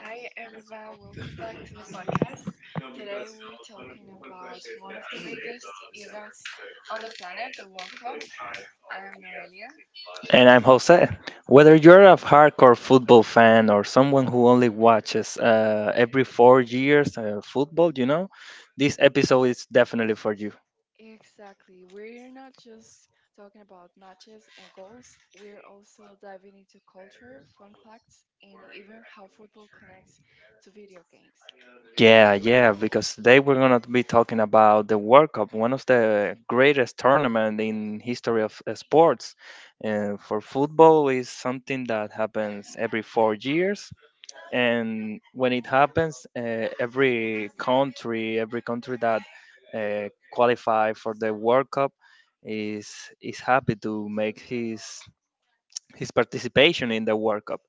Hi everyone, welcome back to the podcast. Today we're talking about one of the biggest events on the planet, the World Cup. I am Noelia. And I'm Jose. Whether you're a hardcore football fan or someone who only watches every 4 years football, this episode is definitely for you. Exactly, we're not just talking about matches and goals, we're also diving into culture, fun facts, and even how football connects to video games. Yeah, yeah, because today we're going to be talking about the World Cup, one of the greatest tournament in history of sports. For football is something that happens every 4 years, and when it happens every country that qualify for the world cup is happy to make his participation in the world cup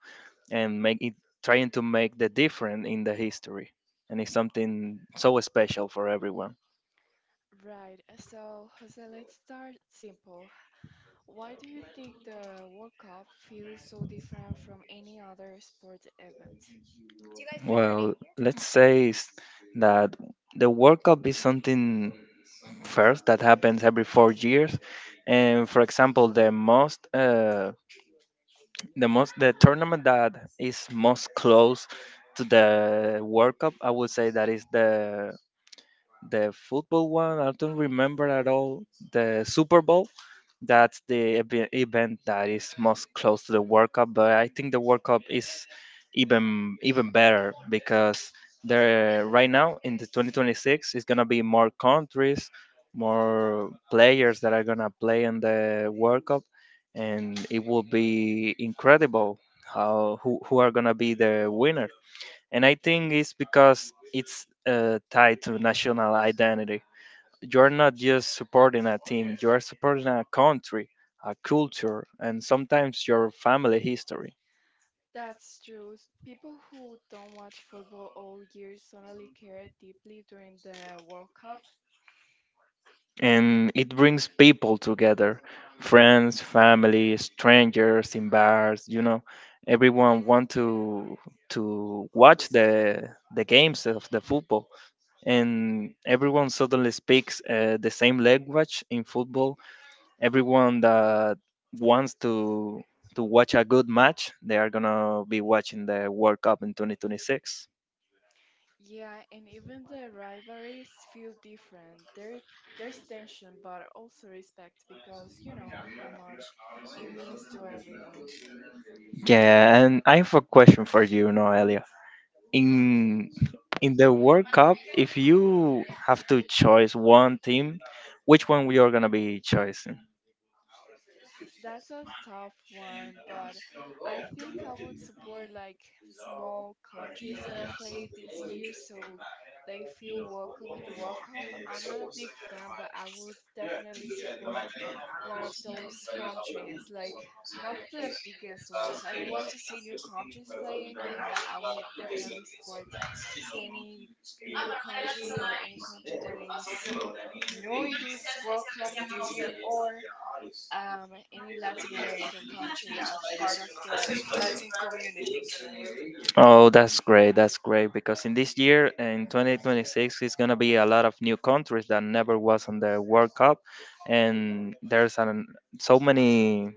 and make it, trying to make the difference in the history. And it's something so special for everyone. Right, so Jose, let's start simple. Why do you think the World Cup feels so different from any other sport event? Well, let's say that the World Cup is something first that happens every 4 years, and for example, the most the tournament that is most close to the World Cup, I would say that is the football one. I don't remember at all the Super Bowl, that's the event that is most close to the World Cup. But I think the World Cup is even better because there right now in the 2026 is gonna be more countries, more players that are gonna play in the World Cup, and it will be incredible how who are gonna be the winner. And I think it's because it's tied to national identity. You're not just supporting a team, you are supporting a country, a culture, and sometimes your family history. That's true. People who don't watch football all year suddenly care deeply during the World Cup. And it brings people together, friends, family, strangers in bars, you know. Everyone want to watch the games of the football, and everyone suddenly speaks the same language in football, everyone that wants to watch a good match, they are gonna be watching the World Cup in 2026. Yeah, and even the rivalries feel different. There's tension, but also respect because you know how much it means to everyone. Yeah, and I have a question for you, Noelia. In in the World Cup, if you have to choose one team, which one we are gonna be choosing? That's a tough one, but I think I would support like small countries that are played this year so they feel welcome in the World Cup. I'm not a big fan, but I would definitely support one of those countries, like not the biggest ones. I want to see new countries playing, and I would definitely support any little country or any country that is new in this World Cup this year or any Latin America country as part of the Latin community. Oh, that's great. That's great because in this year, in 2026, it's gonna be a lot of new countries that never was on the World Cup, and so many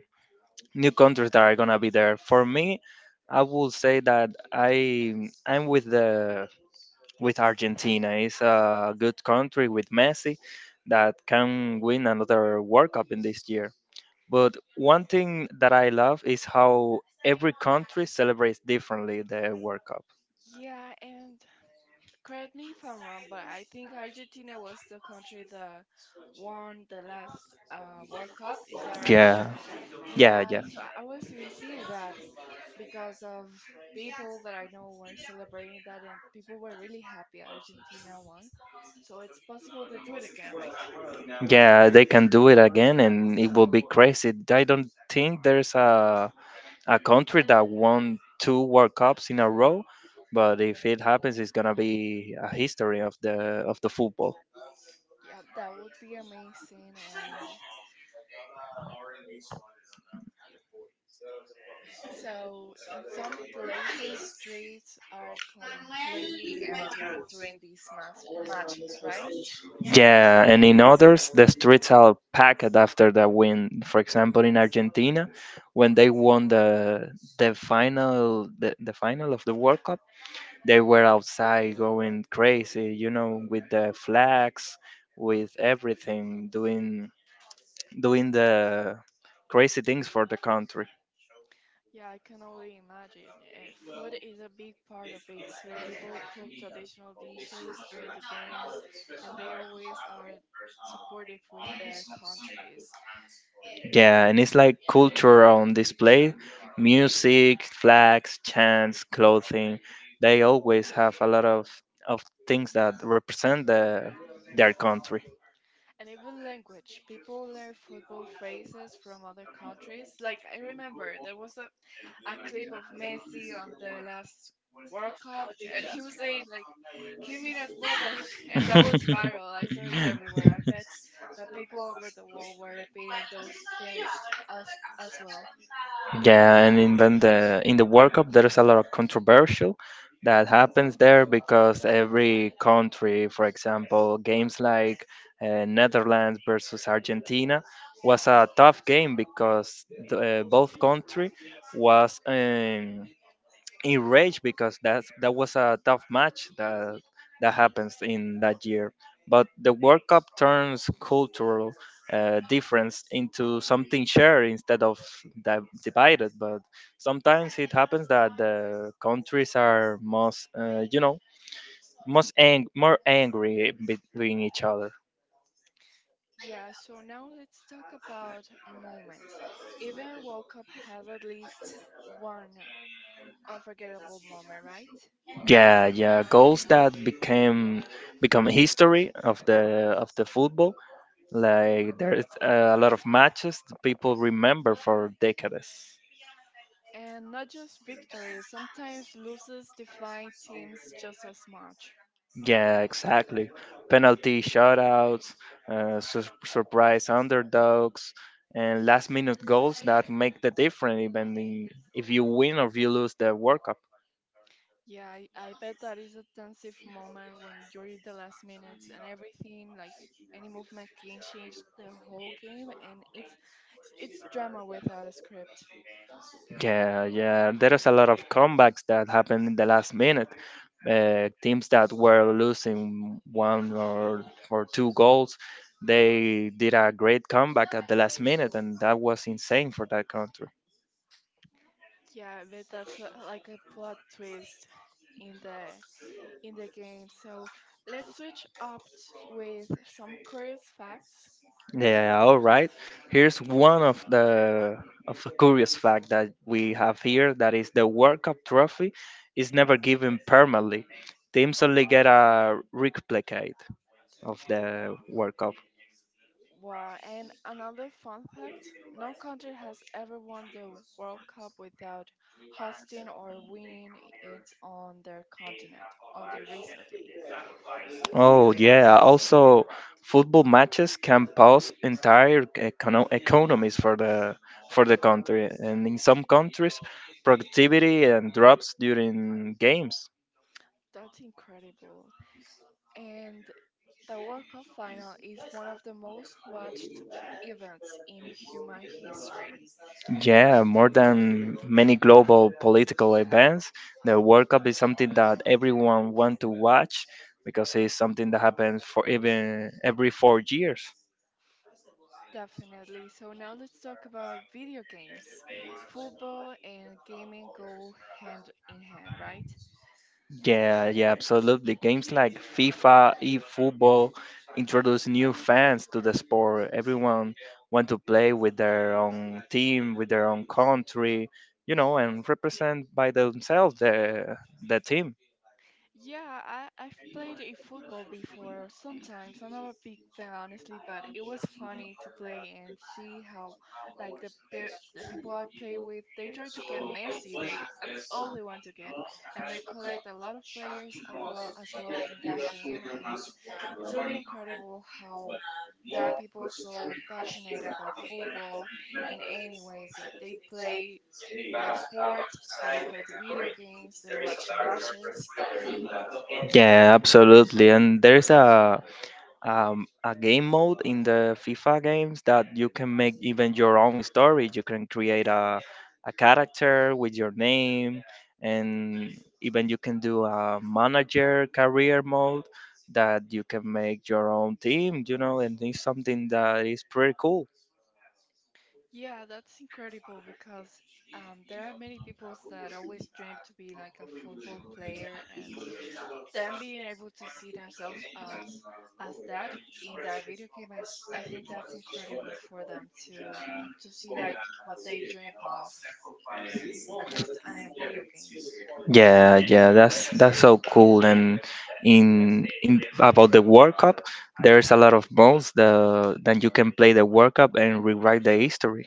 new countries that are gonna be there. For me, I would say that I'm with the with Argentina. It's a good country with Messi that can win another World Cup in this year. But one thing that I love is how every country celebrates differently the World Cup. Yeah, and correct me if I'm wrong, but I think Argentina was the country that won the last World Cup. Is that right? Yeah, Yeah, yeah, yeah. so I was even seeing that because of people that I know were celebrating that, and people were really happy Argentina won. So it's possible they do it again, right? Yeah, they can do it again, and it will be crazy. I don't think there's a country that won two World Cups in a row, but if it happens, it's gonna be a history of the football. Yeah, that would be amazing. And so, in some places, streets are completely empty during these matches, right? Yeah, and in others, the streets are packed after the win. For example, in Argentina, when they won the final the final of the World Cup. They were outside going crazy, you know, with the flags, with everything, doing the crazy things for the country. Yeah, I can only imagine. Food is a big part of it, too. People cook traditional dishes during the games, and they always are supportive with their countries. Yeah, and it's like culture on display, music, flags, chants, clothing. They always have a lot of things that represent the their country. And even language, people learn football phrases from other countries. Like, I remember there was a clip of Messi on the last World Cup. He was saying, like, Kimira's Bobo, and that was viral. I saw it everywhere. I bet that people over the world were repeating those things as well. Yeah, and in the World Cup, there's a lot of controversial that happens there because every country, for example, games like Netherlands versus Argentina was a tough game because the, both country was enraged because that was a tough match that that happens in that year. But the World Cup turns cultural difference into something shared instead of divided. But sometimes it happens that the countries are most, most more angry between each other. Yeah, so now let's talk about moments. Even World Cup has at least one unforgettable moment, right? Yeah, yeah, goals that became become history of the football. Like there's a lot of matches that people remember for decades. And not just victories, sometimes losses define teams just as much. Yeah, exactly. Penalty shoutouts, surprise underdogs, and last-minute goals that make the difference, even in, if you win or if you lose the World Cup. Yeah, I bet that is a tensive moment when you're in the last minutes and everything, like any movement can change the whole game, and it's drama without a script. Yeah, yeah. There is a lot of comebacks that happen in the last minute. Teams that were losing one or two goals, they did a great comeback at the last minute, and that was insane for that country. Yeah, I bet that's like a plot twist in the game. So let's switch up with some curious facts. Yeah, all right. Here's one of the of a curious fact that we have here, that is the World Cup trophy is never given permanently. Teams only get a replicate of the World Cup. Wow, and another fun fact, no country has ever won the World Cup without hosting or winning it on their continent until recently. Oh, yeah. Also, football matches can pause entire economies for the country, and in some countries, productivity and drops during games. That's incredible. And the World Cup final is one of the most watched events in human history. Yeah, more than many global political events, the World Cup is something that everyone want to watch because it's something that happens for even every 4 years. Definitely. So now let's talk about video games. Football and gaming go hand in hand, right? Yeah, yeah, absolutely. Games like FIFA, eFootball introduce new fans to the sport. Everyone want to play with their own team, with their own country, you know, and represent by themselves the team. Yeah, I've played a football before sometimes. I'm not a big fan, honestly, but it was funny to play and see how, like, the people I play with, they try to get messy. They That's all they want to get, and they collect a lot of players as well in that game. And it's really incredible how there are people so passionate about football in any ways. Like they play the sport, they play the video games, they watch the matches. Yeah, absolutely. And there's a game mode in the FIFA games that you can make even your own story. You can create a character with your name, and even you can do a manager career mode that you can make your own team, you know, and it's something that is pretty cool. Yeah, that's incredible because there are many people that always dream to be like a football player, and them being able to see themselves as that in that video game, I think that's incredible for them to see like what they dreamed of, at least in a video game. Yeah, yeah, that's so cool. And in about the World Cup, there's a lot of modes The that you can play the World Cup and rewrite the history.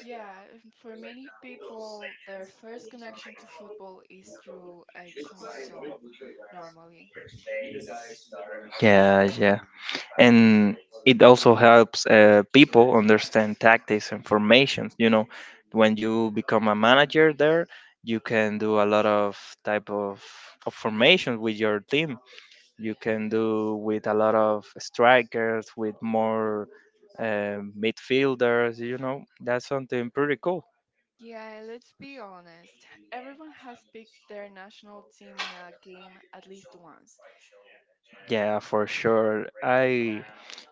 Yeah, and for many people, their first connection to football is through a console, normally. Yeah, yeah, and it also helps people understand tactics and formations. You know, when you become a manager there, you can do a lot of type of, of formations with your team. You can do with a lot of strikers, with more midfielders. You know, that's something pretty cool. Yeah, let's be honest. Everyone has picked their national team in a game at least once. Yeah, for sure. I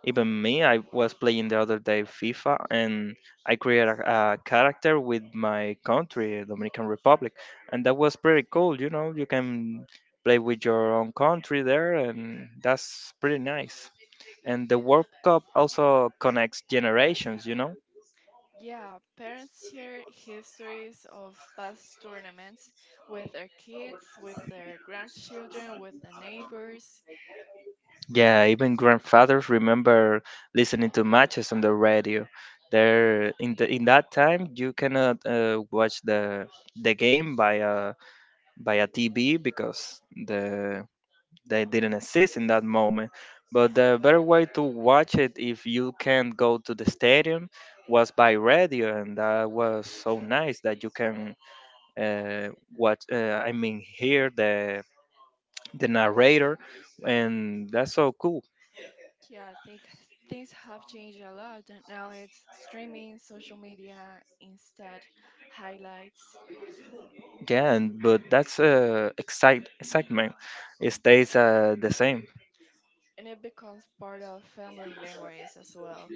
even me, I was playing the other day FIFA, and I created a character with my country, Dominican Republic, and that was pretty cool. You know, you can play with your own country there, and that's pretty nice. And the World Cup also connects generations. You know, Yeah, parents share histories of past tournaments with their kids, with their grandchildren, with the neighbors. yeah, even grandfathers remember listening to matches on the radio. There, in that time, you cannot watch the game by a TV because the they didn't exist in that moment. But the better way to watch it if you can't go to the stadium was by radio, and that was so nice that you can uh, watch. I mean, hear the narrator, and that's so cool. Yeah, things have changed a lot. And now it's streaming, social media, instead highlights, Yeah, but that's excitement. It stays the same. and it becomes part of family memories as well.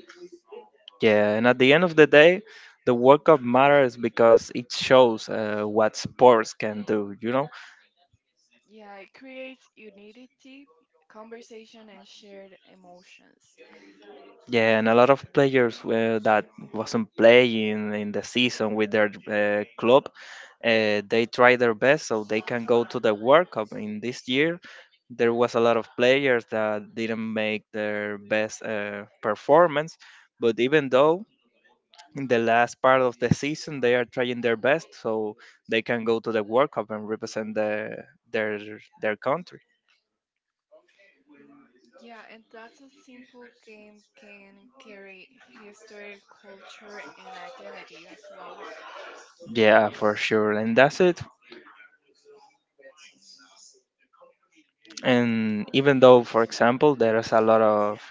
Yeah, and at the end of the day, the World Cup matters because it shows what sports can do. You know. Yeah, it creates unity, conversation, and shared emotions. Yeah, and a lot of players that wasn't playing in the season with their club, they try their best so they can go to the World Cup. In this year, there was a lot of players that didn't make their best performance. But even though in the last part of the season they are trying their best so they can go to the World Cup and represent the their their country. Yeah, and that's a simple game can carry history, culture, and identity as well. Yeah, for sure. And that's it. And even though for example there is a lot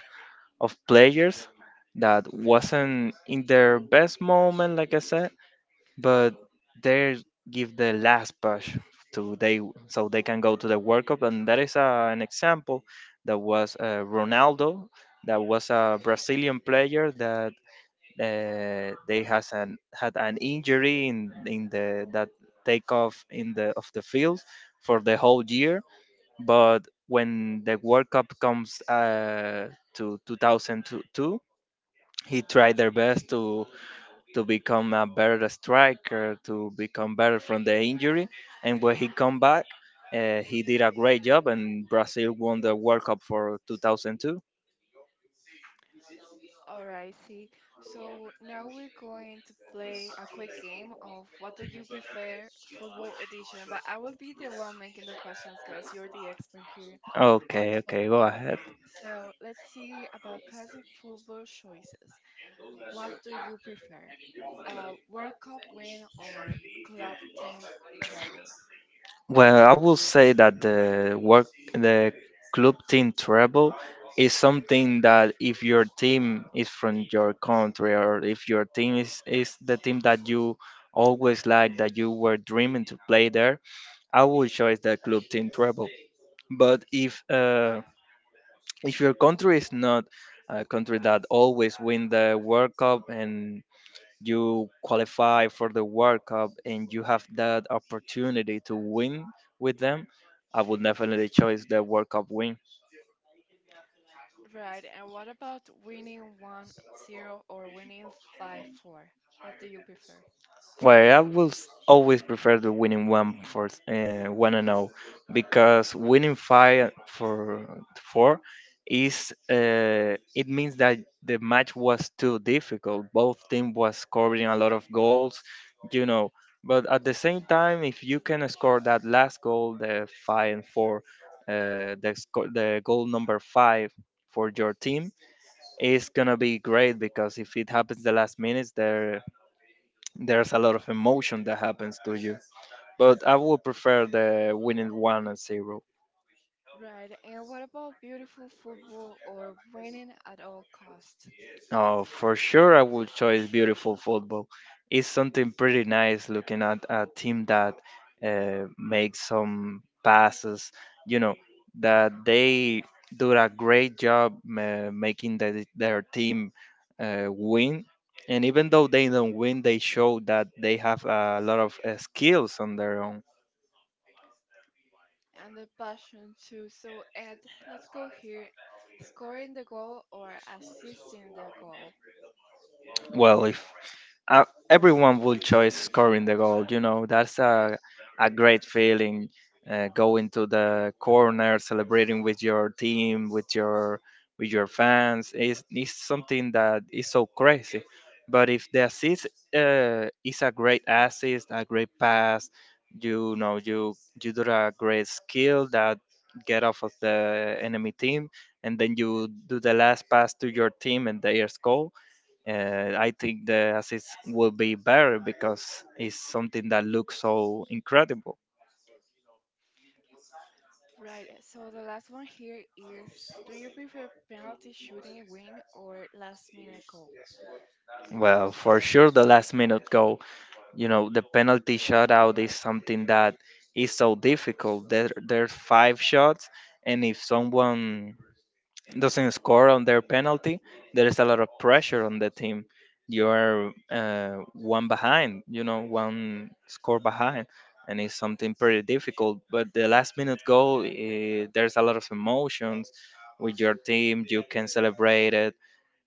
of players that wasn't in their best moment like I said, but they give the last push to they so they can go to the World Cup, and that is an example that was Ronaldo, that was a Brazilian player that they has an had an injury in the that takeoff in the of the field for the whole year. But when the World Cup comes to 2002, he tried their best to become a better striker, to become better from the injury. And when he come back, he did a great job, and Brazil won the World Cup for 2002. Alright, see. So now we're going to play a quick game of what do you prefer, football edition. But I will be the one making the questions because you're the expert here on Okay, okay, go football. ahead. So let's see about classic football choices. What do you prefer, a World Cup win or club team treble? Well, I will say that the club team travel is something that if your team is from your country or if your team is the team that you always like, that you were dreaming to play there, I would choose the club team travel. But if your country is not a country that always win the World Cup and you qualify for the World Cup and you have that opportunity to win with them, I would definitely choose the World Cup. Right, and what about winning 1-0 or winning 5-4? What do you prefer? Well, I will always prefer the winning one for one and zero, because winning five for four is it means that the match was too difficult. Both team was scoring a lot of goals, you know. But at the same time, if you can score that last goal, the five and four, the goal number five for your team is gonna be great, because if it happens the last minutes, there's a lot of emotion that happens to you. But I would prefer the winning one and zero. Right, and what about beautiful football or winning at all costs? Oh, for sure, I would choose beautiful football. It's something pretty nice looking at a team that makes some passes, you know, that they do a great job making their team win. And even though they don't win, they show that they have a lot of skills on their own. And the passion too. So, Ed, let's go here. Scoring the goal or assisting the goal? Well, if everyone would choose scoring the goal. You know, that's a great feeling. Going to the corner, celebrating with your team, with your fans, is something that is so crazy. But if the assist is a great assist, a great pass, you know, you you do a great skill that get off of the enemy team, and then you do the last pass to your team, and they score. I think the assist will be better because it's something that looks so incredible. Right, so the last one here is do you prefer penalty shooting win or last minute goal? Well, for sure, the last minute goal, the penalty shootout is something that is so difficult. There's five shots, and if someone doesn't score on their penalty, there is a lot of pressure on the team. You're one behind, one score behind, and it's something pretty difficult. But the last minute goal, there's a lot of emotions with your team. You can celebrate it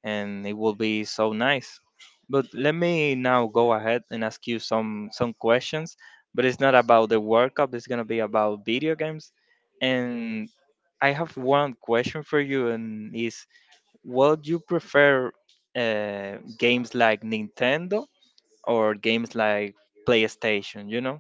and it will be so nice. But let me now go ahead and ask you some questions. But it's not about the World Cup. It's gonna be about video games. And I have one question for you, and is would you prefer games like Nintendo or games like PlayStation?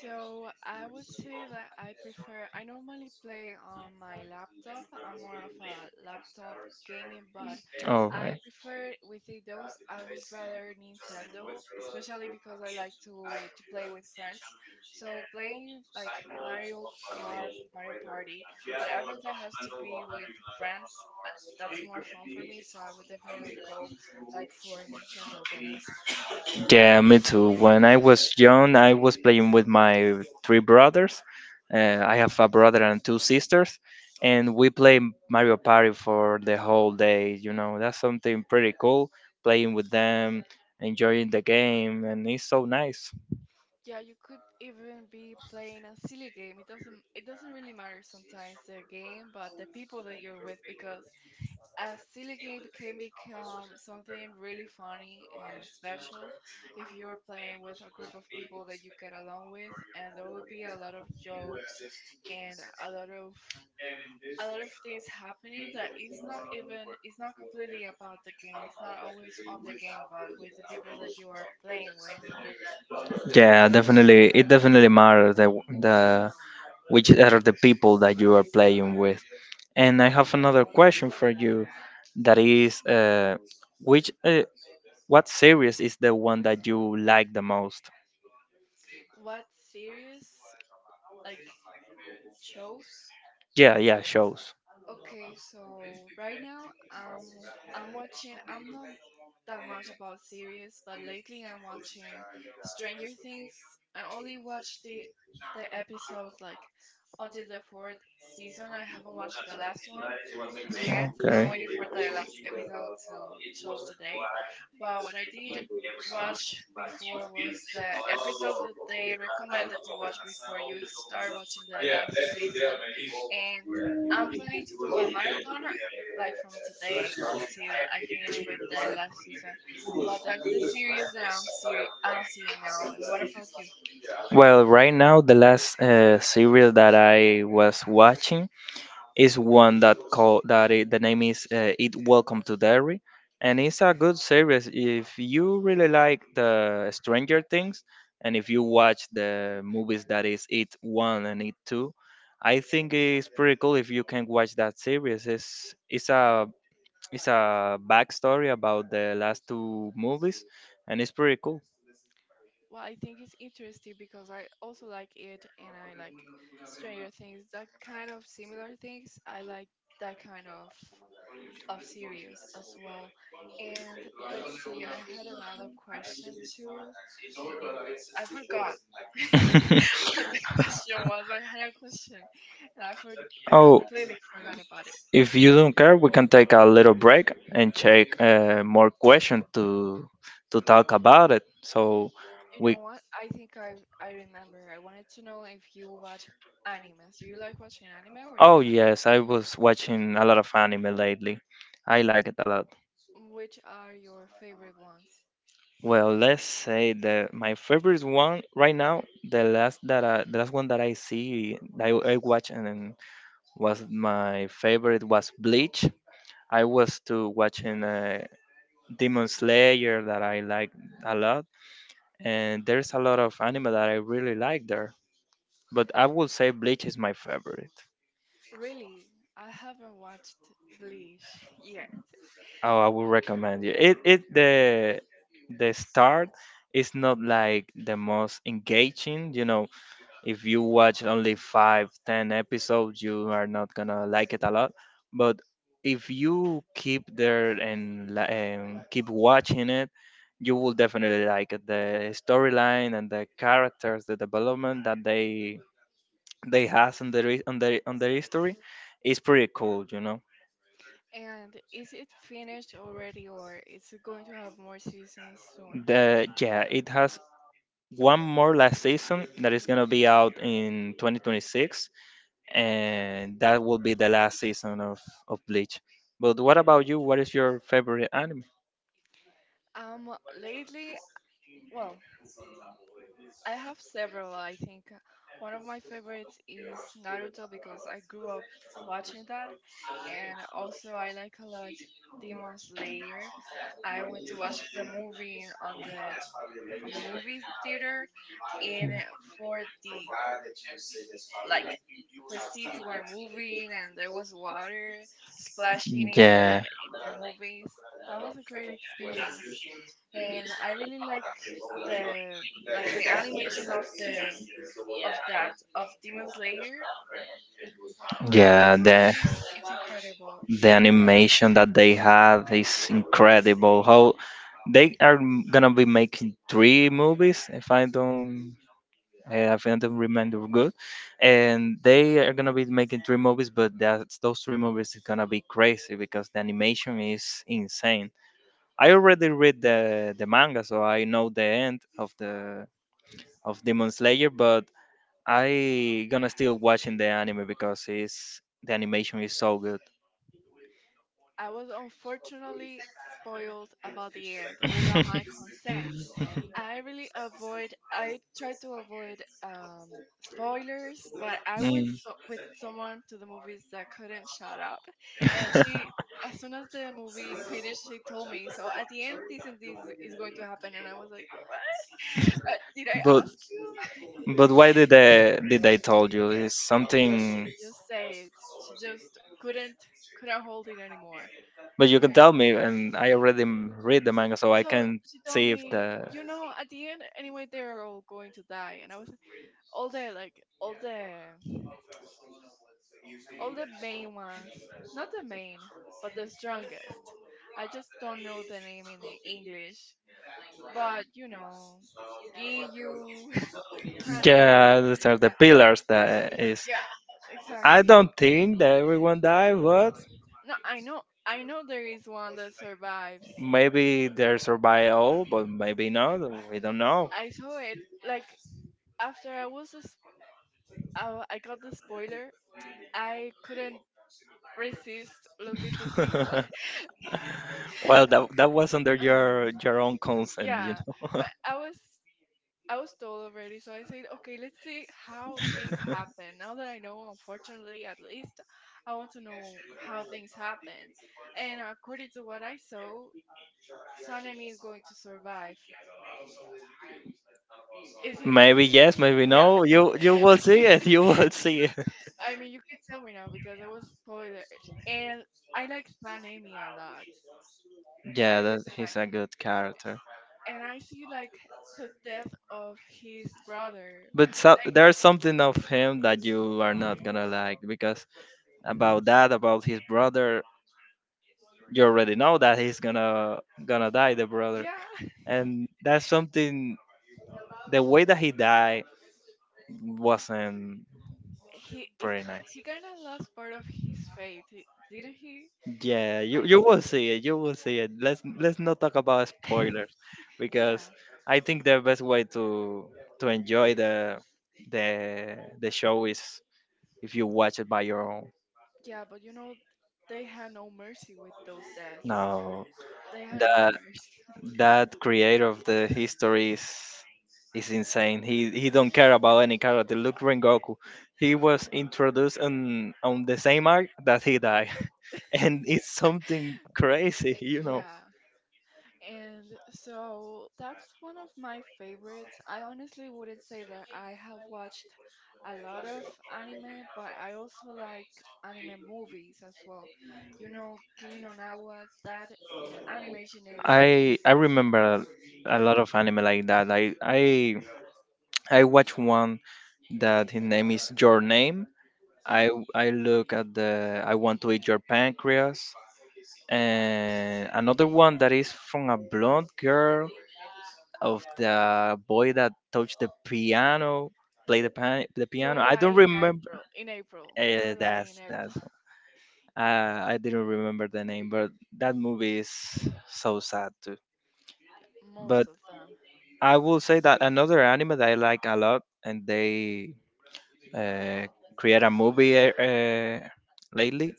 So I would say that I prefer, I normally play on my laptop. I'm more of a laptop gaming, but All I right. prefer with the those I would rather Nintendo, especially because I like to play with friends. So playing like Mario Kart, Mario Party, whatever that has to be with friends, that's more fun for me. So I would definitely go like for Nintendo games. Yeah, me too. When I was young, I was playing with my three brothers. I have a brother and two sisters, and we play Mario Party for the whole day. That's something pretty cool. Playing with them, enjoying the game, and it's so nice. Yeah, you could even be playing a silly game. It doesn't really matter sometimes the game, but the people that you're with, because a silly game can become something really funny and special if you're playing with a group of people that you get along with, and there will be a lot of jokes and a lot of things happening that is not even, it's not completely about the game, it's not always on the game, but with the people that you are playing with. Yeah, definitely. It definitely matters the which are the people that you are playing with. And I have another question for you, that is, which What series is the one that you like the most? What's serious. Like shows. Yeah, yeah, shows. Okay, so right now I'm not that much about series, but lately I'm watching Stranger Things. I only watched the episodes like until the fourth season. I haven't watched the last one yet. I'm waiting Okay. for the last episode to show today. But what I did watch before was the episodes that they recommended to watch before you start watching the last season. And I'm planning to do a marathon like from today until I finish with the last season. But that's the series that I'm seeing now. And what about you? Well, right now the last series that I was watching is one that called the name is It Welcome to Derry, and it's a good series if you really like the Stranger Things and if you watch the movies that is It One and It Two. I think it's pretty cool if you can watch that series. It's a backstory about the last two movies, and it's pretty cool. Well, I think it's interesting because I also like it and I like Stranger Things, that kind of similar things. I like that kind of series as well. And let's see, I had another question too. I forgot what the question was. I had a question and I Oh, completely forgot about it. if you don't care, we can take a little break and check more questions to talk about it. So You we. know what? I think I remember. I wanted to know if you watch animes. Do you like watching anime or Oh you're not? yes, I was watching a lot of anime lately. I like it a lot. Which are your favorite ones? Well, let's say the my favorite one right now, the last one that I see, that I watch and was my favorite was Bleach. I was to watching Demon Slayer that I like a lot, and there's a lot of anime that I really like there. But I would say Bleach is my favorite. Really, I haven't watched Bleach yet. Oh, I would recommend you. It the start is not like the most engaging, If you watch only five, 10 episodes, you are not gonna like it a lot. But if you keep there and keep watching it, you will definitely like it. The storyline and the characters, the development that they has on their hi- on their history is pretty cool. You know, And is it finished already or is it going to have more seasons soon? the yeah, it has one more last season that is gonna be out in 2026 and that will be the last season of Bleach. But what about you? What is your favorite anime? Um, Lately, well, I have several, I think. One of my favorites is Naruto because I grew up watching that. And also I like a lot Demon Slayer. I went to watch the movie on the movie theater, and for the like the seats were moving and there was water splashing in the Yeah, in the movies. That was a great experience, and I really the like the animation of Demon Slayer. How they yeah, grow the things is incredible. the They put a lot. animation that they have is incredible. How they are gonna be making three movies, if I don't remember good, and they are gonna be making three movies, but those three movies is gonna be crazy because the animation is insane. I already read the manga, so I know the end of the of Demon Slayer, but I gonna still watching the anime because it's the animation is so good. I was unfortunately spoiled about the end without my consent. I really avoid. I try to avoid spoilers, but I went Mm. so, with someone to the movies that couldn't shut up, and she. As soon as the movie finished, she told me. So at the end, this and this is going to happen, and I was like, "What? Did I but ask you?" but why did they told you? It's something. She just said it. She just couldn't hold it anymore But you in can her. tell me, and I already read the manga, so I So can she told see if the. me, at the end, anyway, they're all going to die. And I was all the like all the all the main ones, not the main, but the strongest. I just don't know the name in English, but Giyu, Sanemi, Yeah, these are the yeah, pillars that is. yeah, I exactly. don't think that everyone died, but No, I know there is one that survives. maybe they survive all, but maybe not. We don't know. I saw it like after I got the spoiler. I couldn't resist looking to see what, Well, like, that was under uh-huh. your own consent, you Yeah. know. But I was told already, so I said, okay, let's see how things happen. Now that I know, unfortunately, at least I want to know how things happen. And according to what I saw, Sanemi is going to survive. Is he? Maybe yes, maybe Yeah. no. You will see it. You will see it. I mean, you can tell me now because I was spoiled, and I like Anime a lot. I Yeah, re- that, he's a good character. and I see like the death of his brother. But so, there's something of him that you are not gonna like because about that, about his brother. You already know that he's gonna die, the brother, Yeah, and that's something. The way that he died wasn't very nice. he kind of lost part of his faith, didn't he? Yeah, you Like, you will see it. You will see it. Let's not talk about spoilers because yeah, I think the best way to enjoy the show is if you watch it by your own. yeah. But you know, they had no mercy with those deaths. No, They had no the mercy. that creator of the history is insane. He don't care about any character. Look Rengoku. He was introduced on the same arc that he died. And it's something crazy. Yeah. And so that's one of my favorites. I honestly wouldn't say that I have watched a lot of anime, but I also like anime movies as well. You know, Kimi no Na wa, that animation is incredible. I remember a Yeah. lot of anime like that. I watched one that his name is Your Name. I hmm I look at the I want to eat your pancreas and another one that is from a blonde girl of the boy that touched the piano, played the Your piano. I don't Lie in remember. April. In April. Your Lie in That's that's. April. Uh, I didn't remember the name, but that movie is so sad too. Most But of them. I will say that another anime that I like a lot, and they uh, create a movie lately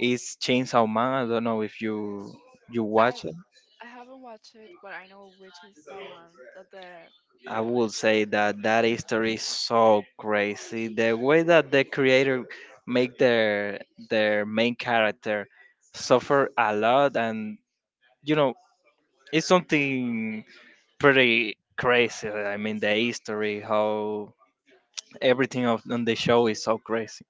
is Chainsaw Man. I don't know if you I watch it. I haven't watched it, but I know which is the one that the I would say that that history is so crazy. The way that the creator make their main character suffer a lot, and you know, it's something pretty crazy. I mean, the history, how everything on the show is so crazy.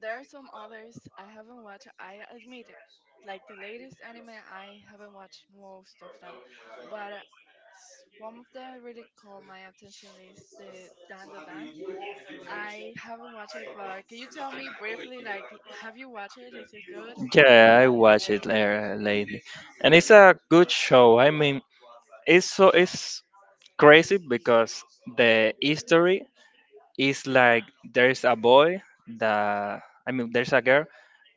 There are some others I haven't watched, I admit it. Like the latest anime, I haven't watched most of them. But one of them really caught my attention is the Dan Da Dan. I haven't watched it, but can you tell me briefly, like, have you watched it? Is it good? What do Yeah, you... I watch it lately, and it's a good show. I mean, it's crazy because the history is like there's a boy that I mean there's a girl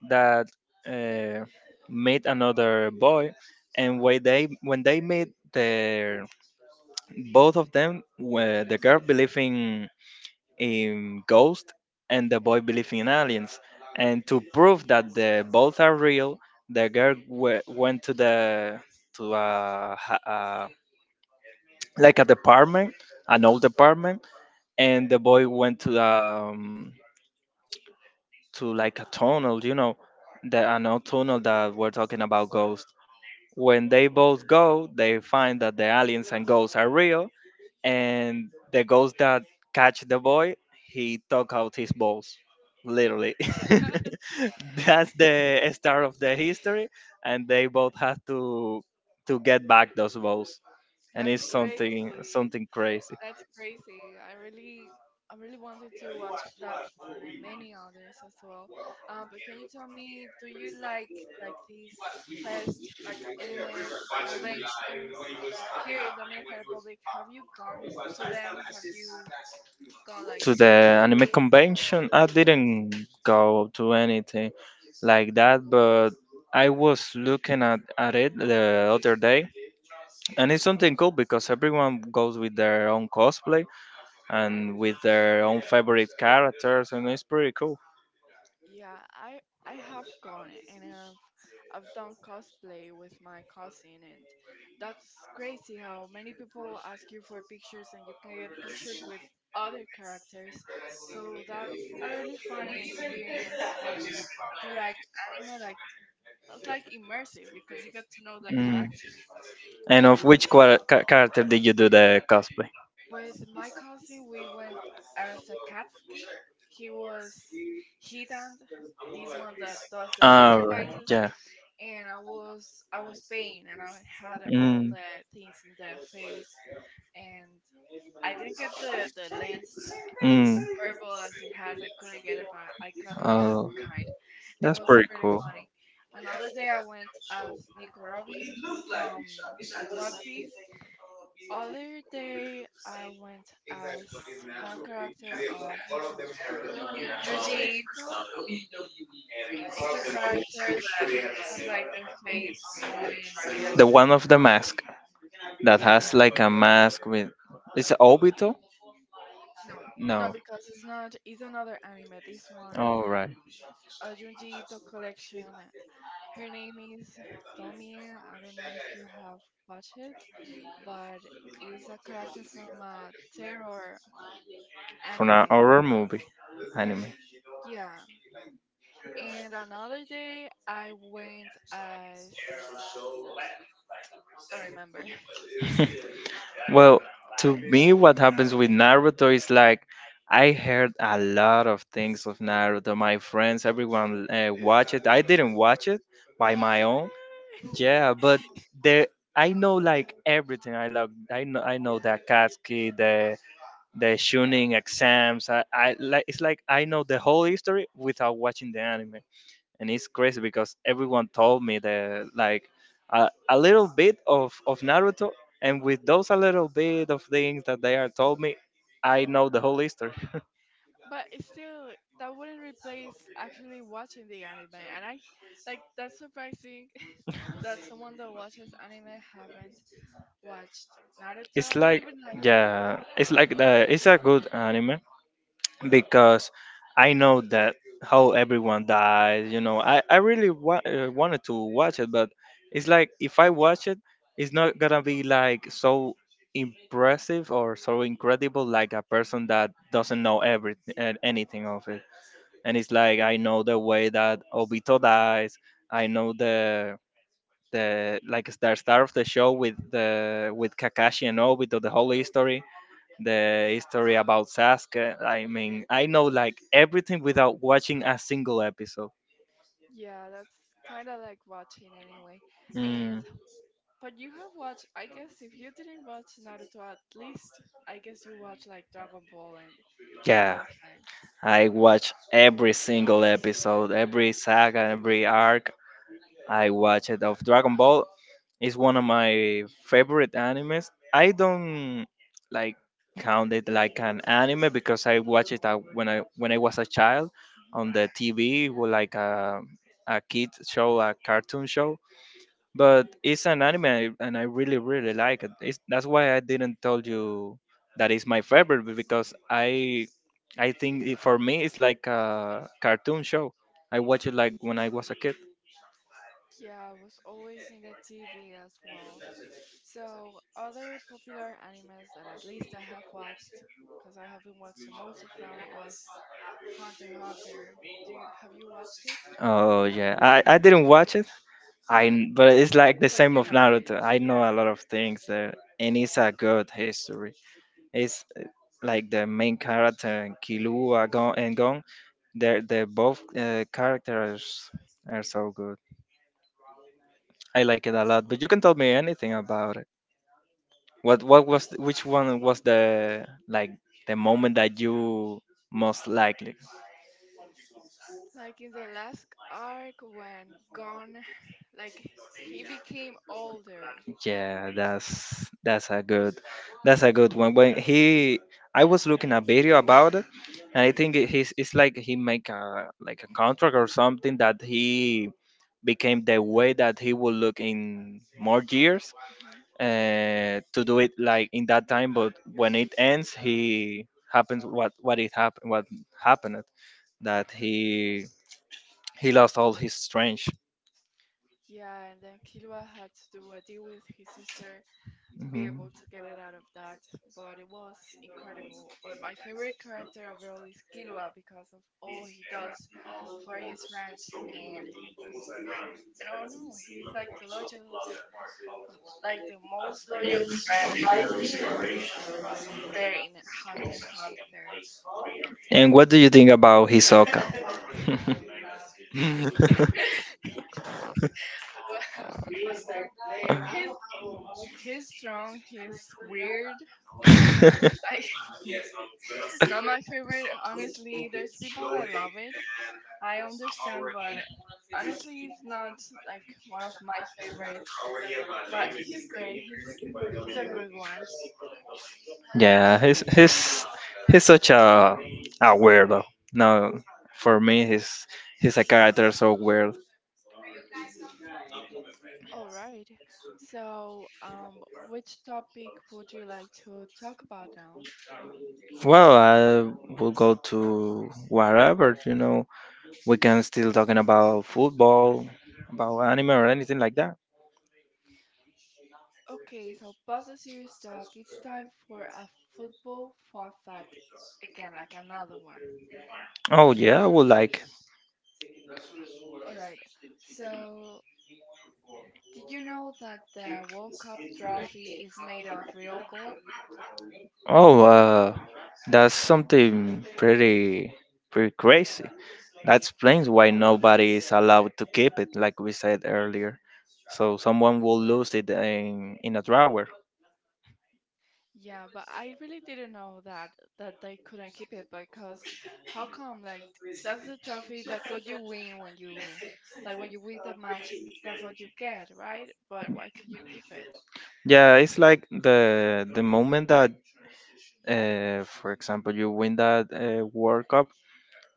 that uh, meet another boy, and when they meet the both of them, where the girl believe in ghost and the boy believe in aliens, and to prove that the both are real, the girl went to the to a, ha- a like a department, an old department, and the boy went to like a tunnel, the an old tunnel that we're talking about ghosts. When they both go, they find that the aliens and ghosts are real, and the ghost that catch the boy, he took out his balls, Oh, literally. That's the start of the history, and they both have to get back those balls, and that's it's something crazy. something crazy. That's crazy. I really wanted to watch that one and many others as well. But can you tell me, do you like these fest, like anime conventions here in Dominican Republic? Have you gone to them? Have you gone like To the to? anime convention. I didn't go to anything like that, but I was looking at it the other day, and it's something cool because everyone goes with their own cosplay and with their own favorite characters, and it's pretty cool. Yeah, I have gone and I've done cosplay with my cousin, and that's crazy how many people ask you for pictures and you can get pictures with other characters. So that's a really funny experience when you like like that's like immersive because you get to know the Mm. character And in of a way. which character did you do the cosplay? With my cousin, we went as a cat ski. He was hidden, this one that does the Ah, right, sacrifices, yeah. and I was paying, and I had all Mm. the things in the face, and I didn't get the lens Mm. purple as it has. I couldn't get it, but I got another Oh, kind. It that's was pretty pretty cool. funny. Another day, I went as Nico Robin from One Piece other day, I went as one character of Yuji Ito. It's a character that has like their face going like The one of the mask that has like a mask with it's Obito? no, no, No. because it's not. It's another anime. This one, All right. a Yuji Ito collection. Her name is Tomie. I don't know if you have watched it, but it's a character from a terror From an anime. horror movie, anime. Yeah, and another day I went as don't remember. Well, to me, what happens with Naruto is like I heard a lot of things of Naruto. My friends, everyone watched it. I didn't watch it by my own. What? Yeah, but the I know like everything. I love. I know. I know that Katsuki, the Shunin exams. I like. It's like I know the whole history without watching the anime, and it's crazy because everyone told me the like a little bit of Naruto, and with those a little bit of things that they are told me, I know the whole history. But it's still that wouldn't replace actually watching the anime, and I like that's surprising that someone that watches anime haven't watched It's Naruto not like even like a yeah. It's like the. It's a good anime. Because I know that how everyone dies. I really wanted to watch it, but it's like if I watch it, it's not gonna be like so impressive or so incredible like a person that doesn't know everything anything of it. And it's like I know the way that Obito dies. I know the start of the show with the with Kakashi and Obito, the history about Sasuke. I mean, I know like everything without watching a single episode. yeah that's kind of like watching anyway and Mm. but you have watched, I guess, if you didn't watch Naruto, at least I guess you watch like Dragon Ball and Yeah, those types I watch every single episode, every saga, every arc. I watch it of Dragon Ball. It's one of my favorite animes. I don't like count it like an anime because I watched it when I was a child on yeah. the TV, with like a kid show, a cartoon show, but it's an anime and I really really like it. It's, that's why I didn't tell you that it's my favorite because I think it, for me it's like a cartoon show. I watch it like when I was a kid. Yeah, I was always in the TV as well. So, other popular animes that at least I have watched, because I haven't watched the most of them, was Hunter x Hunter. Do you Have you watched it? Oh yeah, I didn't watch it. I kn- but it's like the But same you of know it. Naruto. I know a lot of things there, and it's a good history. It's like the main character Killua Gon, and Gon. They both characters are so good. I like it a lot, but you can tell me anything about it. What was which one was the like the moment that you most liked? Like in the last arc when Gon, like he became older. Yeah, that's a good one. When he I was looking a video about it, and I think it- he's it's like he make a like a contract or something that he became the way that he will look in more years, Mhm. To do it like in that time, but when it ends he happens what it happened what happened that he lost all his strength. Yeah, and then Killua had to do a deal with his sister, to be able Mhm. to get it out of that, but it was incredible. But my favorite character overall is Killua because of all he does for his friends, and I don't know, he's like the loyal, like the most loyal friend there in Hunter x Hunter. And what do you think about Hisoka? he's he's strong, he's weird. I- Not my favorite, honestly. There's people that love it, I understand, but honestly, he's not like one of my favorites. But he's great. He's a good one. Yeah, he's such a weirdo. No, for me, he's a character so weird. All right. So, which topic would you like to talk about now? Well, I will go to wherever, you know. We can still talking about football, about anime or anything like that. Okay, so past the serious talk, it's time for a football fun fact. Again, like another one. Oh yeah, I would like. All right. So, did you know that the World Cup trophy is made of real gold? Oh, that's something pretty pretty crazy. That explains why nobody is allowed to keep it, like we said earlier. So someone will lose it in a drawer. Yeah, but I really didn't know that that they couldn't keep it because how come like that's the trophy, that's what you win when you like when you win the match, that's what you get, right? But why can you keep it? Yeah, it's like the moment that, for example, you win that World Cup,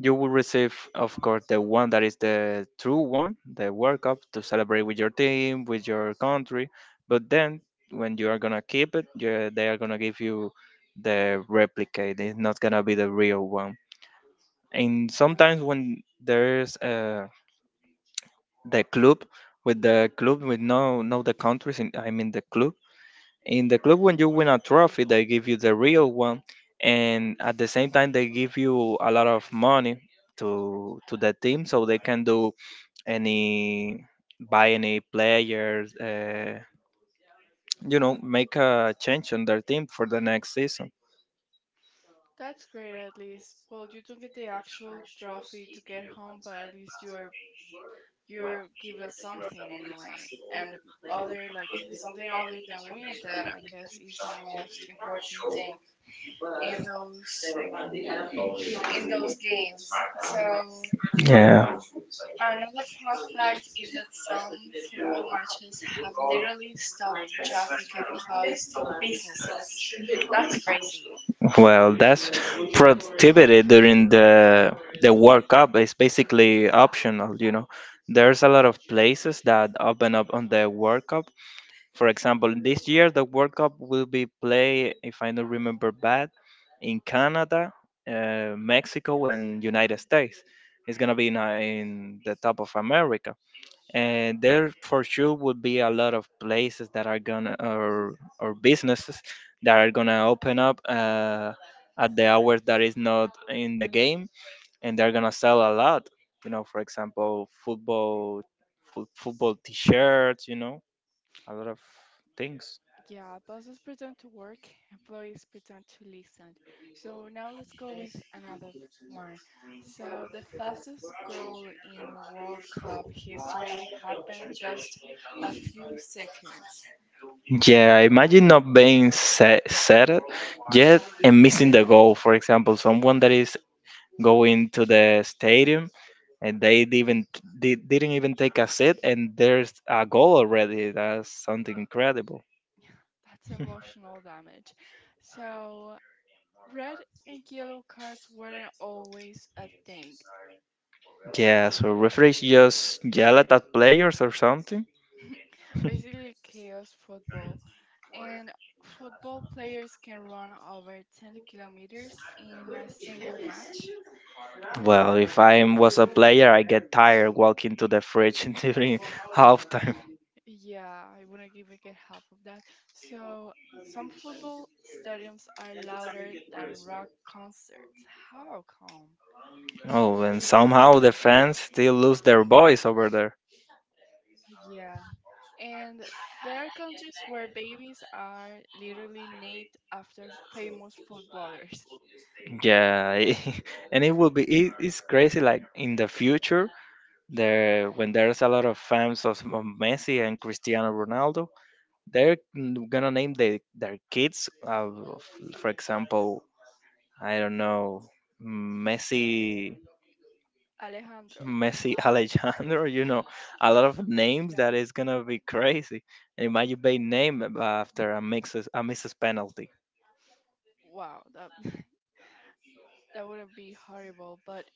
you will receive, of course, the one that is the true one, the World Cup, to celebrate with your team, with your country. But then, when you are gonna keep it, you they are gonna give you the replicate. It's not gonna be the real one. And sometimes when there's the club the club with no no the countries, in, I mean the club in the club when you win a trophy, they give you the real one, and at the same time they give you a lot of money to the team so they can do any buy any players, you know, make a change on their team for the next season. That's great at least. Well, you don't get the actual trophy to get home, but at least you're given something anyway. And other like something other than winning that, I guess, is the most important thing in those in those games. So Yeah, another fun fact is that some football matches have literally stopped traffic and closed businesses. That's crazy. well, that's productivity during the World Cup is basically optional, you know. There's a lot of places that open up on the World Cup. For example, this year the World Cup will be played, if I don't remember bad, in Canada, Mexico, and United States. It's gonna be in the top of America, and there for sure would be a lot of places that are gonna or businesses that are gonna open up at the hours that is not in the game, and they're gonna sell a lot. You know, for example, football, football T-shirts. You know, a lot of things. Yeah, bosses pretend to work, employees pretend to listen. So now let's go with another one. So the fastest goal in World Cup history happened just a few seconds. Yeah, imagine not being set it yet and missing the goal. For example, someone that is going to the stadium and they didn't even take a seat and there's a goal already. That's something incredible. That's emotional damage. So, red and yellow cards weren't always a thing. Yeah, so referees just yell at the players or something. Basically, chaos football. And football players can run over 10 kilometers in a single match. Well, if I was a player, I get tired walking to the fridge during halftime. Yeah, I wouldn't even get half of that. So, some football stadiums are louder than rock concerts. How come? Oh, and somehow the fans still lose their voice over there. Yeah. And there are countries where babies are literally named after famous footballers. Yeah, and it will be it, it's crazy. Like in the future, there when there's a lot of fans of Messi and Cristiano Ronaldo, they're gonna name their kids. For example, I don't know, Messi, Alejandro. Messi Alejandro. You know, a lot of names Yeah. that is gonna be crazy. And it might be named after a mixes a misses penalty. Wow, that that wouldn't be horrible, but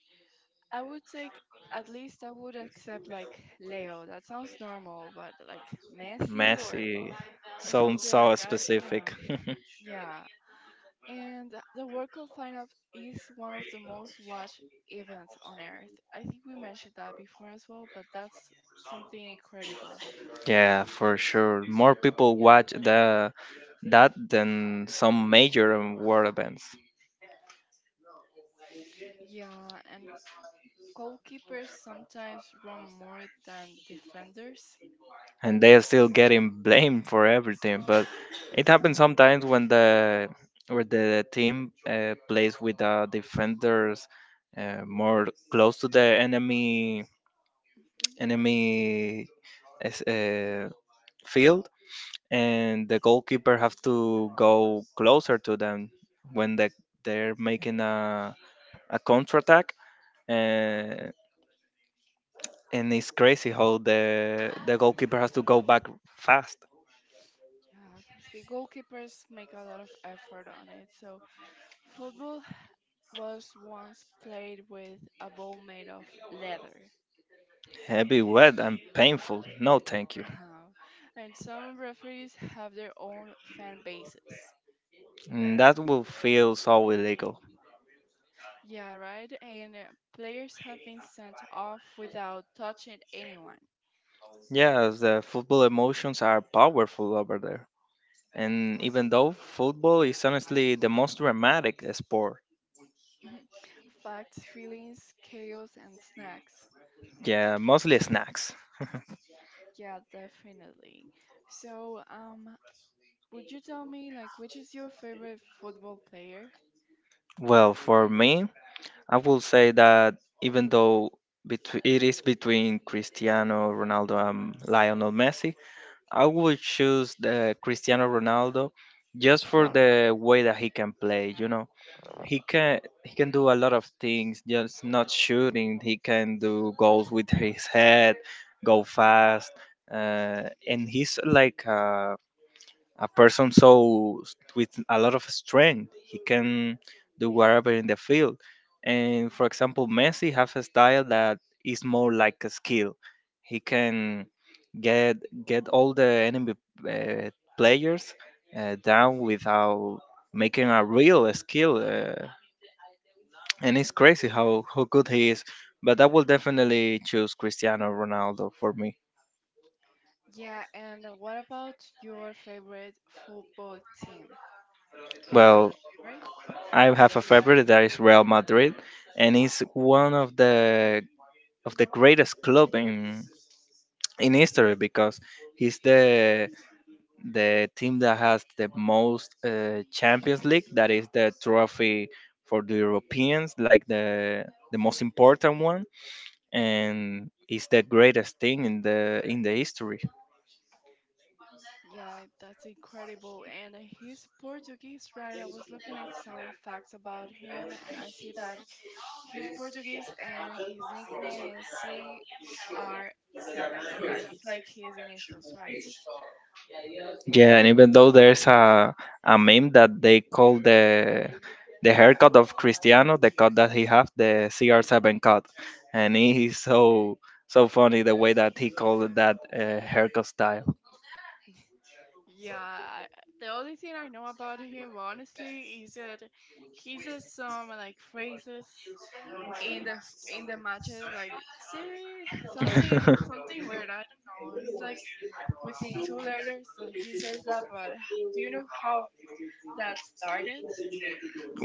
I would take at least I would accept like Leo. That sounds normal, but like Messi Messi or sounds something like so that, you specific. know. Yeah. And the World Cup final is one of the most watched events on earth. I think we mentioned that before as well, but that's something incredible. Yeah, for sure. More people watch the that than some major world events, Yeah, and goalkeepers sometimes run more than defenders. and they are still getting blamed for everything. But it happens sometimes when the where the team plays with the defenders, more close to the enemy Mhm. enemy as- uh, field, and the goalkeeper has to go closer to them when they're making a counterattack. Uh, and it's crazy how the goalkeeper has to go back fast. Yeah, see, goalkeepers make a lot of effort on it. So, football was once played with a ball made of leather. Heavy, wet, and painful. No, thank you. No. And some referees have their own fan bases. And that will feel so illegal. Yeah, right? And players have been sent off without touching anyone. Yes, the football emotions are powerful over there. And even though football is honestly the most dramatic sport, Mhm. Facts, feelings, chaos, and snacks. yeah, mostly snacks. Yeah, definitely. So, would you tell me like which is your favorite football player? Well, for me, I will say that, even though it is between Cristiano Ronaldo and Lionel Messi, I would choose the Cristiano Ronaldo just for the way that he can play. You know, he can do a lot of things. Just not shooting, he can do goals with his head, go fast, and he's like a person so with a lot of strength. He can do whatever in the field. And for example, Messi have a style that is more like a skill. He can get get all the enemy uh, players down without making a real skill, and it's crazy how good he is, but I will definitely choose Cristiano Ronaldo for me. Yeah, and what about your favorite football team? Do you have Well, a favorite? I have a favorite that is Real Madrid, and it's one of the greatest club in history, because he's the team that has the most Champions League, that is the trophy for the Europeans, like the most important one, and it's the greatest thing in the history. Yeah, that's incredible. And he's Portuguese, right? I was looking at some facts about him and I see that he's Portuguese and his nickname is R7. That's like his initials, right? Yeah, and even though there's a meme that they call the haircut of Cristiano, the cut that he have, the CR7 cut, and he is so so funny the way that he called that haircut style. Yeah, I, the only thing I know about him, honestly, is that he says some like phrases in the in the matches, like say something something weird. I don't know. He's like within two letters that he says that, but do you know how that started?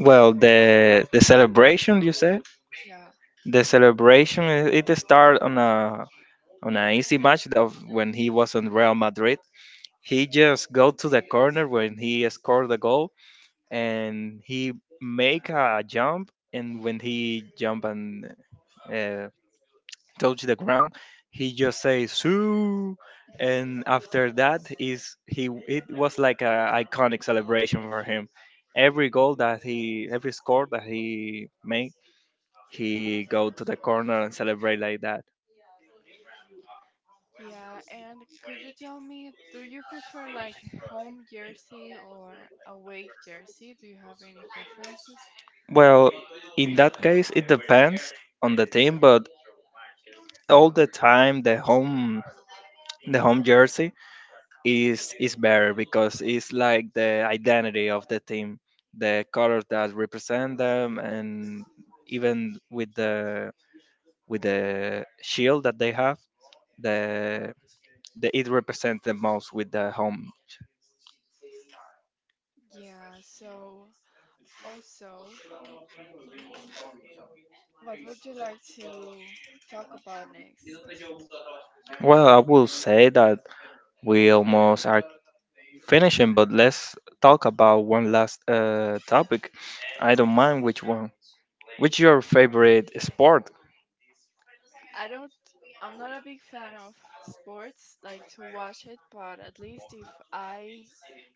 Well, the celebration you said, Yeah. the celebration, it started on a on an easy match of when he was on Real Madrid. He just go to the corner when he scored the goal, and he make a jump, and when he jump and uh, touch the ground, he just say "Soo!" and after that is he it was like a iconic celebration for him. Every goal that he every score that he made he go to the corner and celebrate like that. Yeah, and could you tell me, do you prefer like home jersey or away jersey? Do you have any preferences? Well, in that case, it depends on the team, but all the time the home jersey is better because it's like the identity of the team, the colors that represent them, and even with the shield that they have, the the it represents the most with the home. Yeah, so also, what would you like to talk about next? Well, I will say that we almost are finishing, but let's talk about one last topic. I don't mind which one. Which your favorite sport? I don't, I'm not a big fan of sports, like to watch it, but at least if I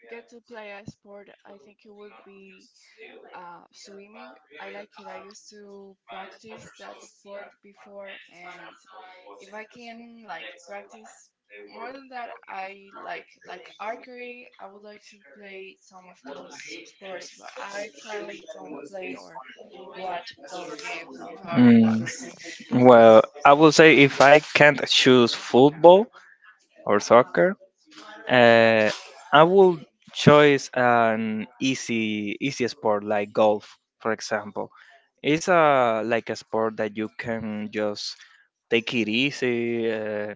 get to play a sport, I think it would be swimming. I like it. I used to practice that sport before, and if I can like practice more than that, I like archery. I would like to play some of those sports, but I currently don't play or watch those games. I'm sorry about. Mm, That. well, I will say if I can't choose football or soccer, uh, I will choose an easy sport like golf, for example. It's a like a sport that you can just take it easy,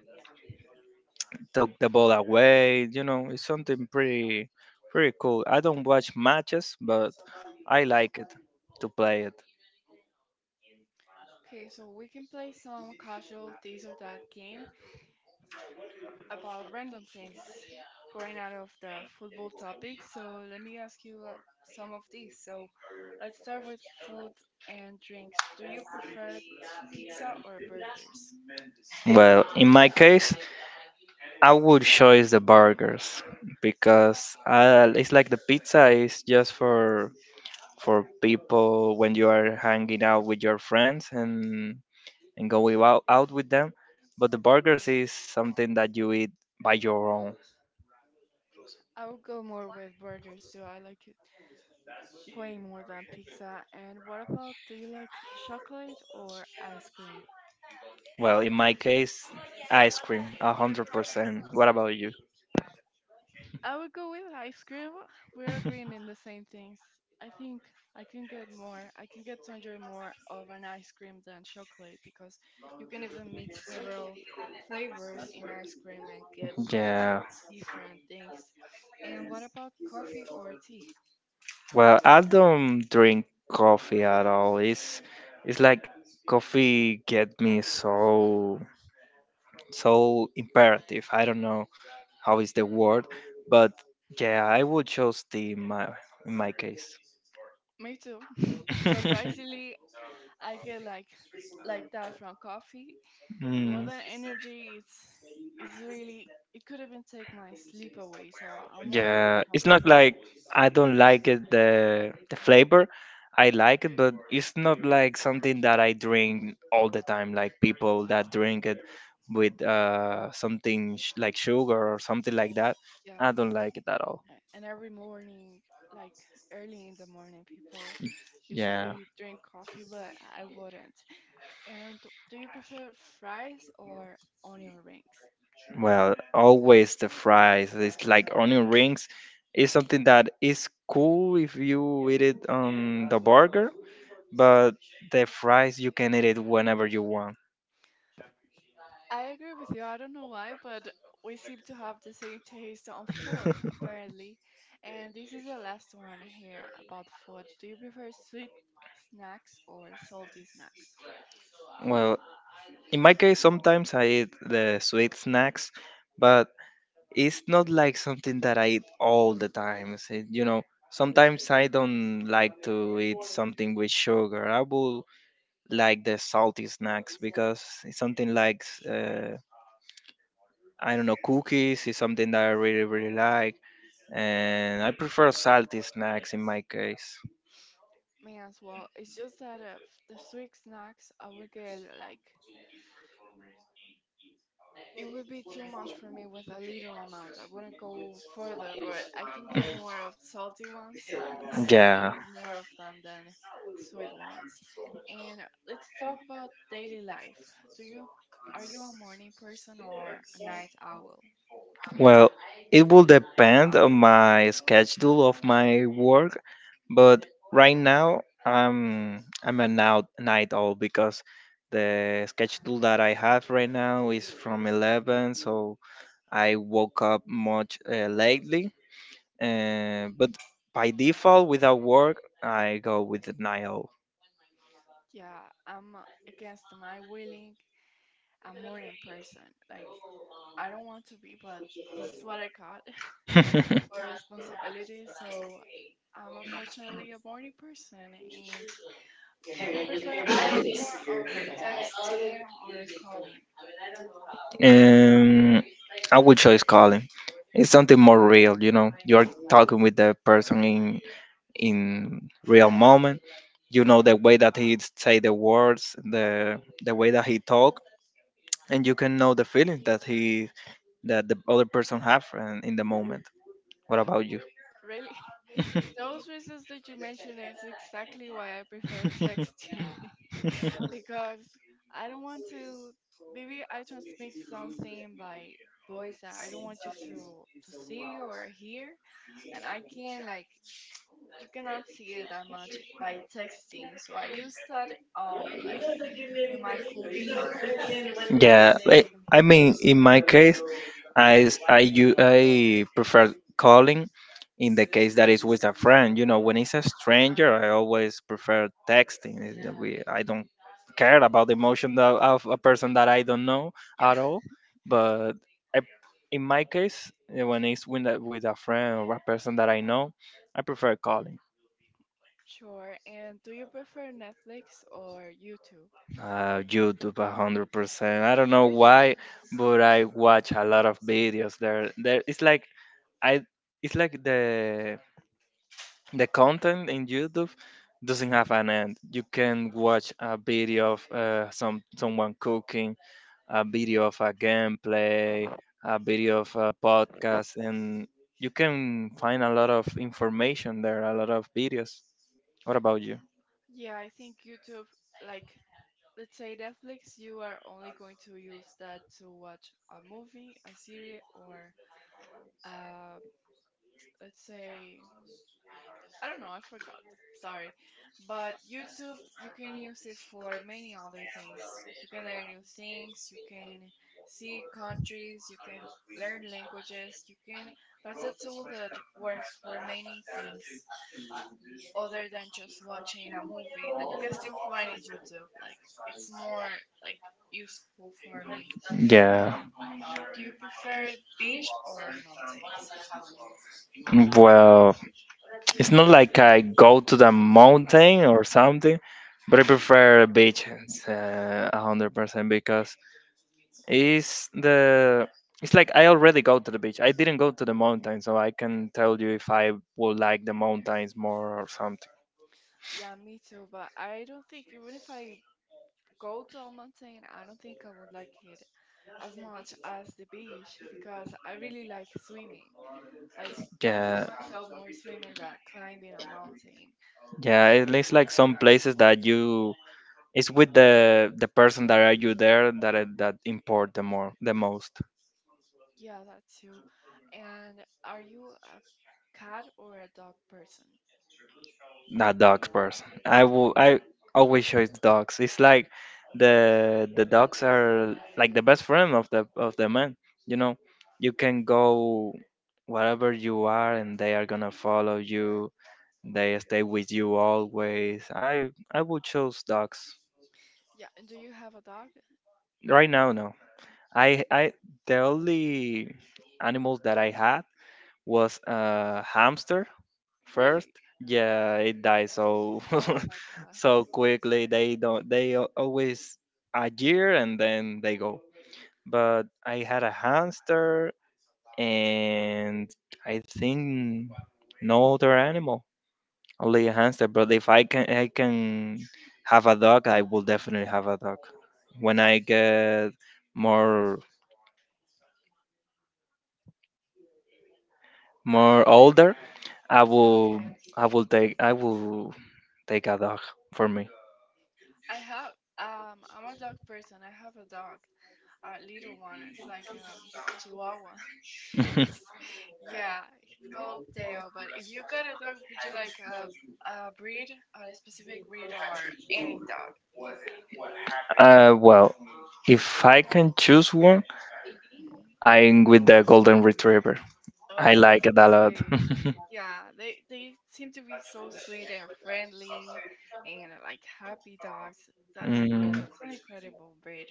took the ball away. You know, it's something pretty pretty cool. I don't watch matches, but I like it to play it. Okay, so we can play some casual this or that game about random things going out of the football topic. So let me ask you some of these. So let's start with food and drinks. Do you prefer pizza or burgers? Well, in my case, I would choose the burgers because it's like the pizza is just for people when you are hanging out with your friends and go out with them. But the burgers is something that you eat by your own. I would go more with burgers too. I like it way more than pizza. And what about do you like chocolate or ice cream? Well, in my case, ice cream, a 100%. What about you? I would go with ice cream. We're agreeing in the same things. I think I can get more, I can get to enjoy more of an ice cream than chocolate because you can even mix several flavors in ice cream and get Yeah. different things. And what about coffee or tea? Well, I don't drink coffee at all. It's like coffee get me so so imperative. I don't know how is the word, but yeah, I would choose tea in my case. Me too. Surprisingly, I get like that from coffee. More Mm. than energy, it's really it could even take my sleep away. So I'm more like Yeah, of it's a not tea. like I don't like it the flavor. I like it, but it's not like something that I drink all the time. Like people that drink it with something like sugar or something like that. Yeah, I don't like it at all. And every morning, like early in the morning, people Yeah. usually drink coffee, but I wouldn't. And do you prefer fries or onion rings? Well, always the fries. It's like onion rings. It's something that is cool if you eat it on the burger, but the fries you can eat it whenever you want. I agree with you. I don't know why, but we seem to have the same taste on food, apparently. And this is the last one here about food. Do you prefer sweet snacks or salty snacks? Well, in my case, sometimes I eat the sweet snacks, but it's not like something that I eat all the time. So, you know, sometimes I don't like to eat something with sugar. I will like the salty snacks because it's something like, uh, I don't know, cookies is something that I really, really like. And I prefer salty snacks in my case. Me as well. It's just that the sweet snacks, I would get like, it would be too much for me with a little amount. I wouldn't go further, but I can get more of salty ones. I could Yeah. eat more of them than sweet ones. And let's talk about daily life. Do you Are you a morning person or a night owl? Well, it will depend on my schedule of my work, but right now I'm a now night owl because the schedule that I have right now is from 11, so I woke up much lately. But by default, without work, I go with the night owl. Yeah, I'm against my willing a morning person. Like I don't want to be, but this is what I got for responsibility. So I'm unfortunately a morning person. And do you prefer? Are you more of texting or calling? Um, I would choose calling. It's something more real, you know. You're talking with the person in real moment. You know the way that he say the words, the way that he talk, and you can know the feelings that he that the other person have and in the moment. What about you? Really, those reasons that you mentioned is exactly why I prefer texting. Because I don't want to. Maybe I transmit something by voice that I don't want you to see or hear, and I can like you cannot see it that much by texting. So I use that um like in my convenience, if that's Yeah, what I, I can be I said. mean, in my case, I s- I u- I prefer calling. In the case that is with a friend, you know, when it's a Uh, stranger, I yeah, always prefer texting. I don't care about the of a person that I don't know yeah, at all. But I, in my case, eh, when it's with a friend or a person that I know, I prefer calling. sure. And do you prefer Netflix or YouTube? YouTube, 100%. I don't know why, Really? but I watch a lot of videos there. It's like I, it's like the content in YouTube doesn't have an end. You can watch a video of someone cooking, a video of a gameplay, a video of a podcast, and you can find a lot of information there. A lot of videos. What about you? Yeah, I think YouTube like let's say Netflix, you are only going to use that to watch a movie, a series, or uh, let's say I don't know, I forgot. Sorry, but YouTube, you can use it for many other things. You can learn new things. You can see countries. You can learn languages. You can. That's a tool that works for many things other than just watching a movie that you can still find in YouTube. Like it's more like useful for me. Yeah. Do you prefer beach or mountains? Well, it's not like I go to the mountain or something, but I prefer beaches 100% because it's the it's like I already go to the beach. I didn't go to the mountain, so I can tell you if I would like the mountains more or something. Yeah, me too, but I don't think even if I go to a mountain, I don't think I would like it as much as the beach because I really like swimming. I I see Yeah, myself more swimming than climbing a mountain. yeah. It's like some places that you it's with the person that are you there that that import the more the most. Yeah, that too. And are you a cat or a dog person? Not dogs, person. I will. I always choose dogs. It's like the dogs are like the best friend of the man. You know, you can go wherever you are, and they are gonna follow you. They stay with you always. I would choose dogs Yeah, and do you have a dog? right now. No, I the only animals that I had was a hamster first. Really? Yeah, it died. So Oh my God. so quickly. They don't. They al- Always a year and then they go. But I had a hamster and I think no other animal, only a hamster. But if I can, I can have a dog. I will definitely have a dog when I get more more older. I will I will take a dog for me. I have I'm a dog person. I have a dog, a little one. It's like Chihuahua. It's yeah, it's called Teo. But if you got a dog, would you like a breed, a specific breed, or any dog? uh, well. If I can choose one, Mhm. I'm with the golden retriever. I Oh, that's like so it a lot. sweet. Yeah, they seem to be so sweet and friendly and like happy dogs. Mm, That's an incredible breed.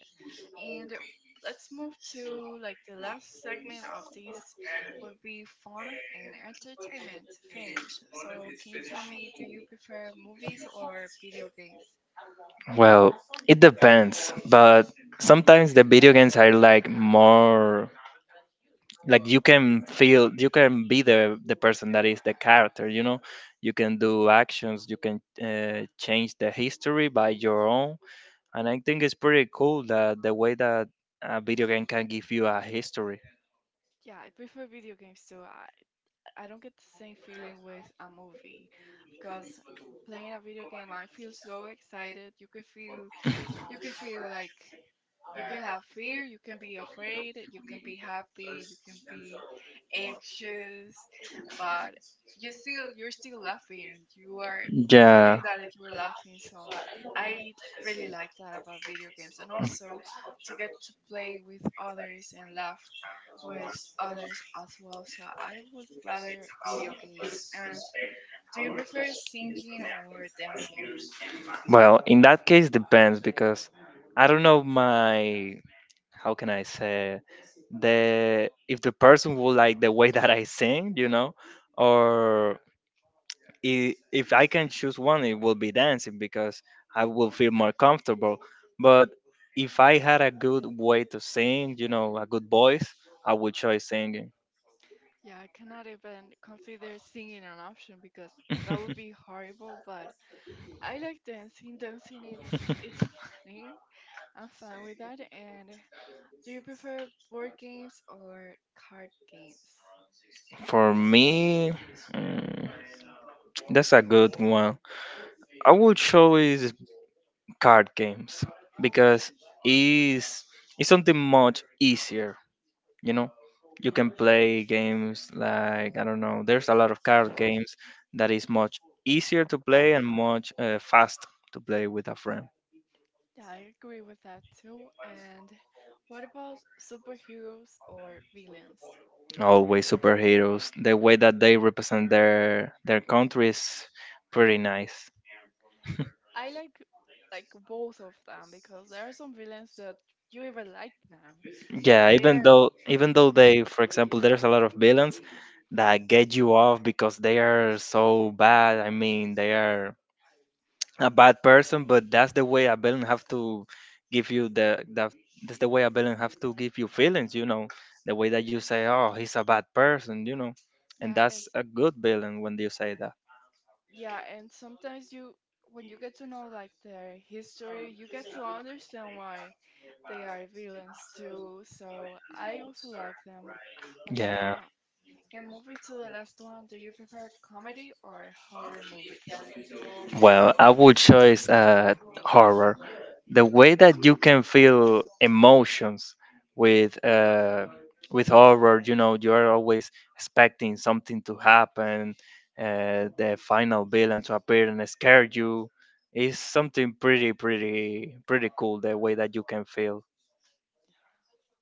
And let's move to like the last segment of this would be fun and entertainment to finish. So can you tell me, do you prefer movies or video games? well, it depends, but sometimes the video games are like more like you can feel you can be the person that is the character, you know, you can do actions, you can change the history by your own, and I think it's pretty cool that the way that a video game can give you a history. Yeah, I prefer video games too. I don't get the same feeling with a movie because playing a video game, I feel so excited. You can feel like you can have fear, you can be afraid, you can be happy, you can be anxious, but you're still laughing. You are Yeah. feeling that you're laughing. So I really like that about video games, and also to get to play with others and laugh with others as well. So I would rather video games, and we prefer singing or dancing. Well, in that case, depends because I don't know my how can I say it? The If the person will like the way that I sing, you know, or if I can choose one, it will be dancing because I will feel more comfortable. But if I had a good way to sing, you know, a good voice, I would choose singing. Yeah, I cannot even consider singing an option because that would be horrible, but I like dancing. Dancing it's funny. I'm fine with that. And do you prefer board games or card games? For me, mm, that's a good one. I would choose card games because it's it's something much easier. You know, you can play games like I don't know, there's a lot of card games that is much easier to play and much fast to play with a friend. Yeah, I agree with that too. And what about superheroes or villains? Always superheroes. The way that they represent their country is pretty nice. I like both of them because there are some villains that you even like them. Like Yeah, they even are though even though they, mm-hmm. for example, there's a lot of villains that get you off because they are so bad. I mean, they are a bad person, but that's the way I didn't have to give you the that that's the way I didn't have to give you feelings, you know. The way that you say, "Oh, he's a bad person," you know, and Yeah, that's it's a good villain when you say that. yeah, and sometimes you when you get to know like their history, you get to understand why they are villains too. So I also like them as Yeah. well. And moving to the last one, do you prefer comedy or horror movies? Well, I would choose horror. The way that you can feel emotions with uh, with horror, you know, you are always expecting something to happen, the final villain to appear and scare you. Is something pretty, pretty, pretty cool. The way that you can feel.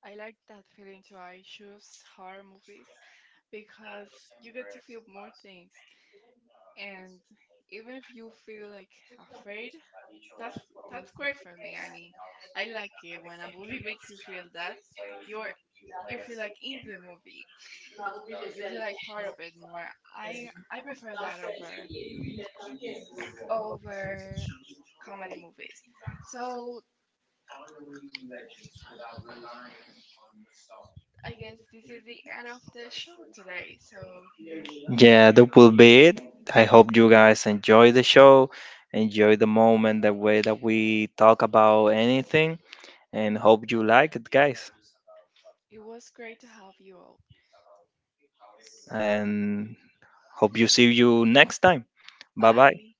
I like that feeling too. I choose horror movies because you get to feel more things. And even if you feel like afraid, That's that's great for me. I mean, I like it when a movie makes you feel that you're you feel like in the movie and you feel like part of it more. I prefer that over over comedy movies. So I guess this is the end of the show today. So Yeah, that will be it. I hope you guys enjoy the show, enjoy the moment, the way that we talk about anything, and hope you like it, guys. it was great to have you all. And hope you see you next time. Bye bye. Bye.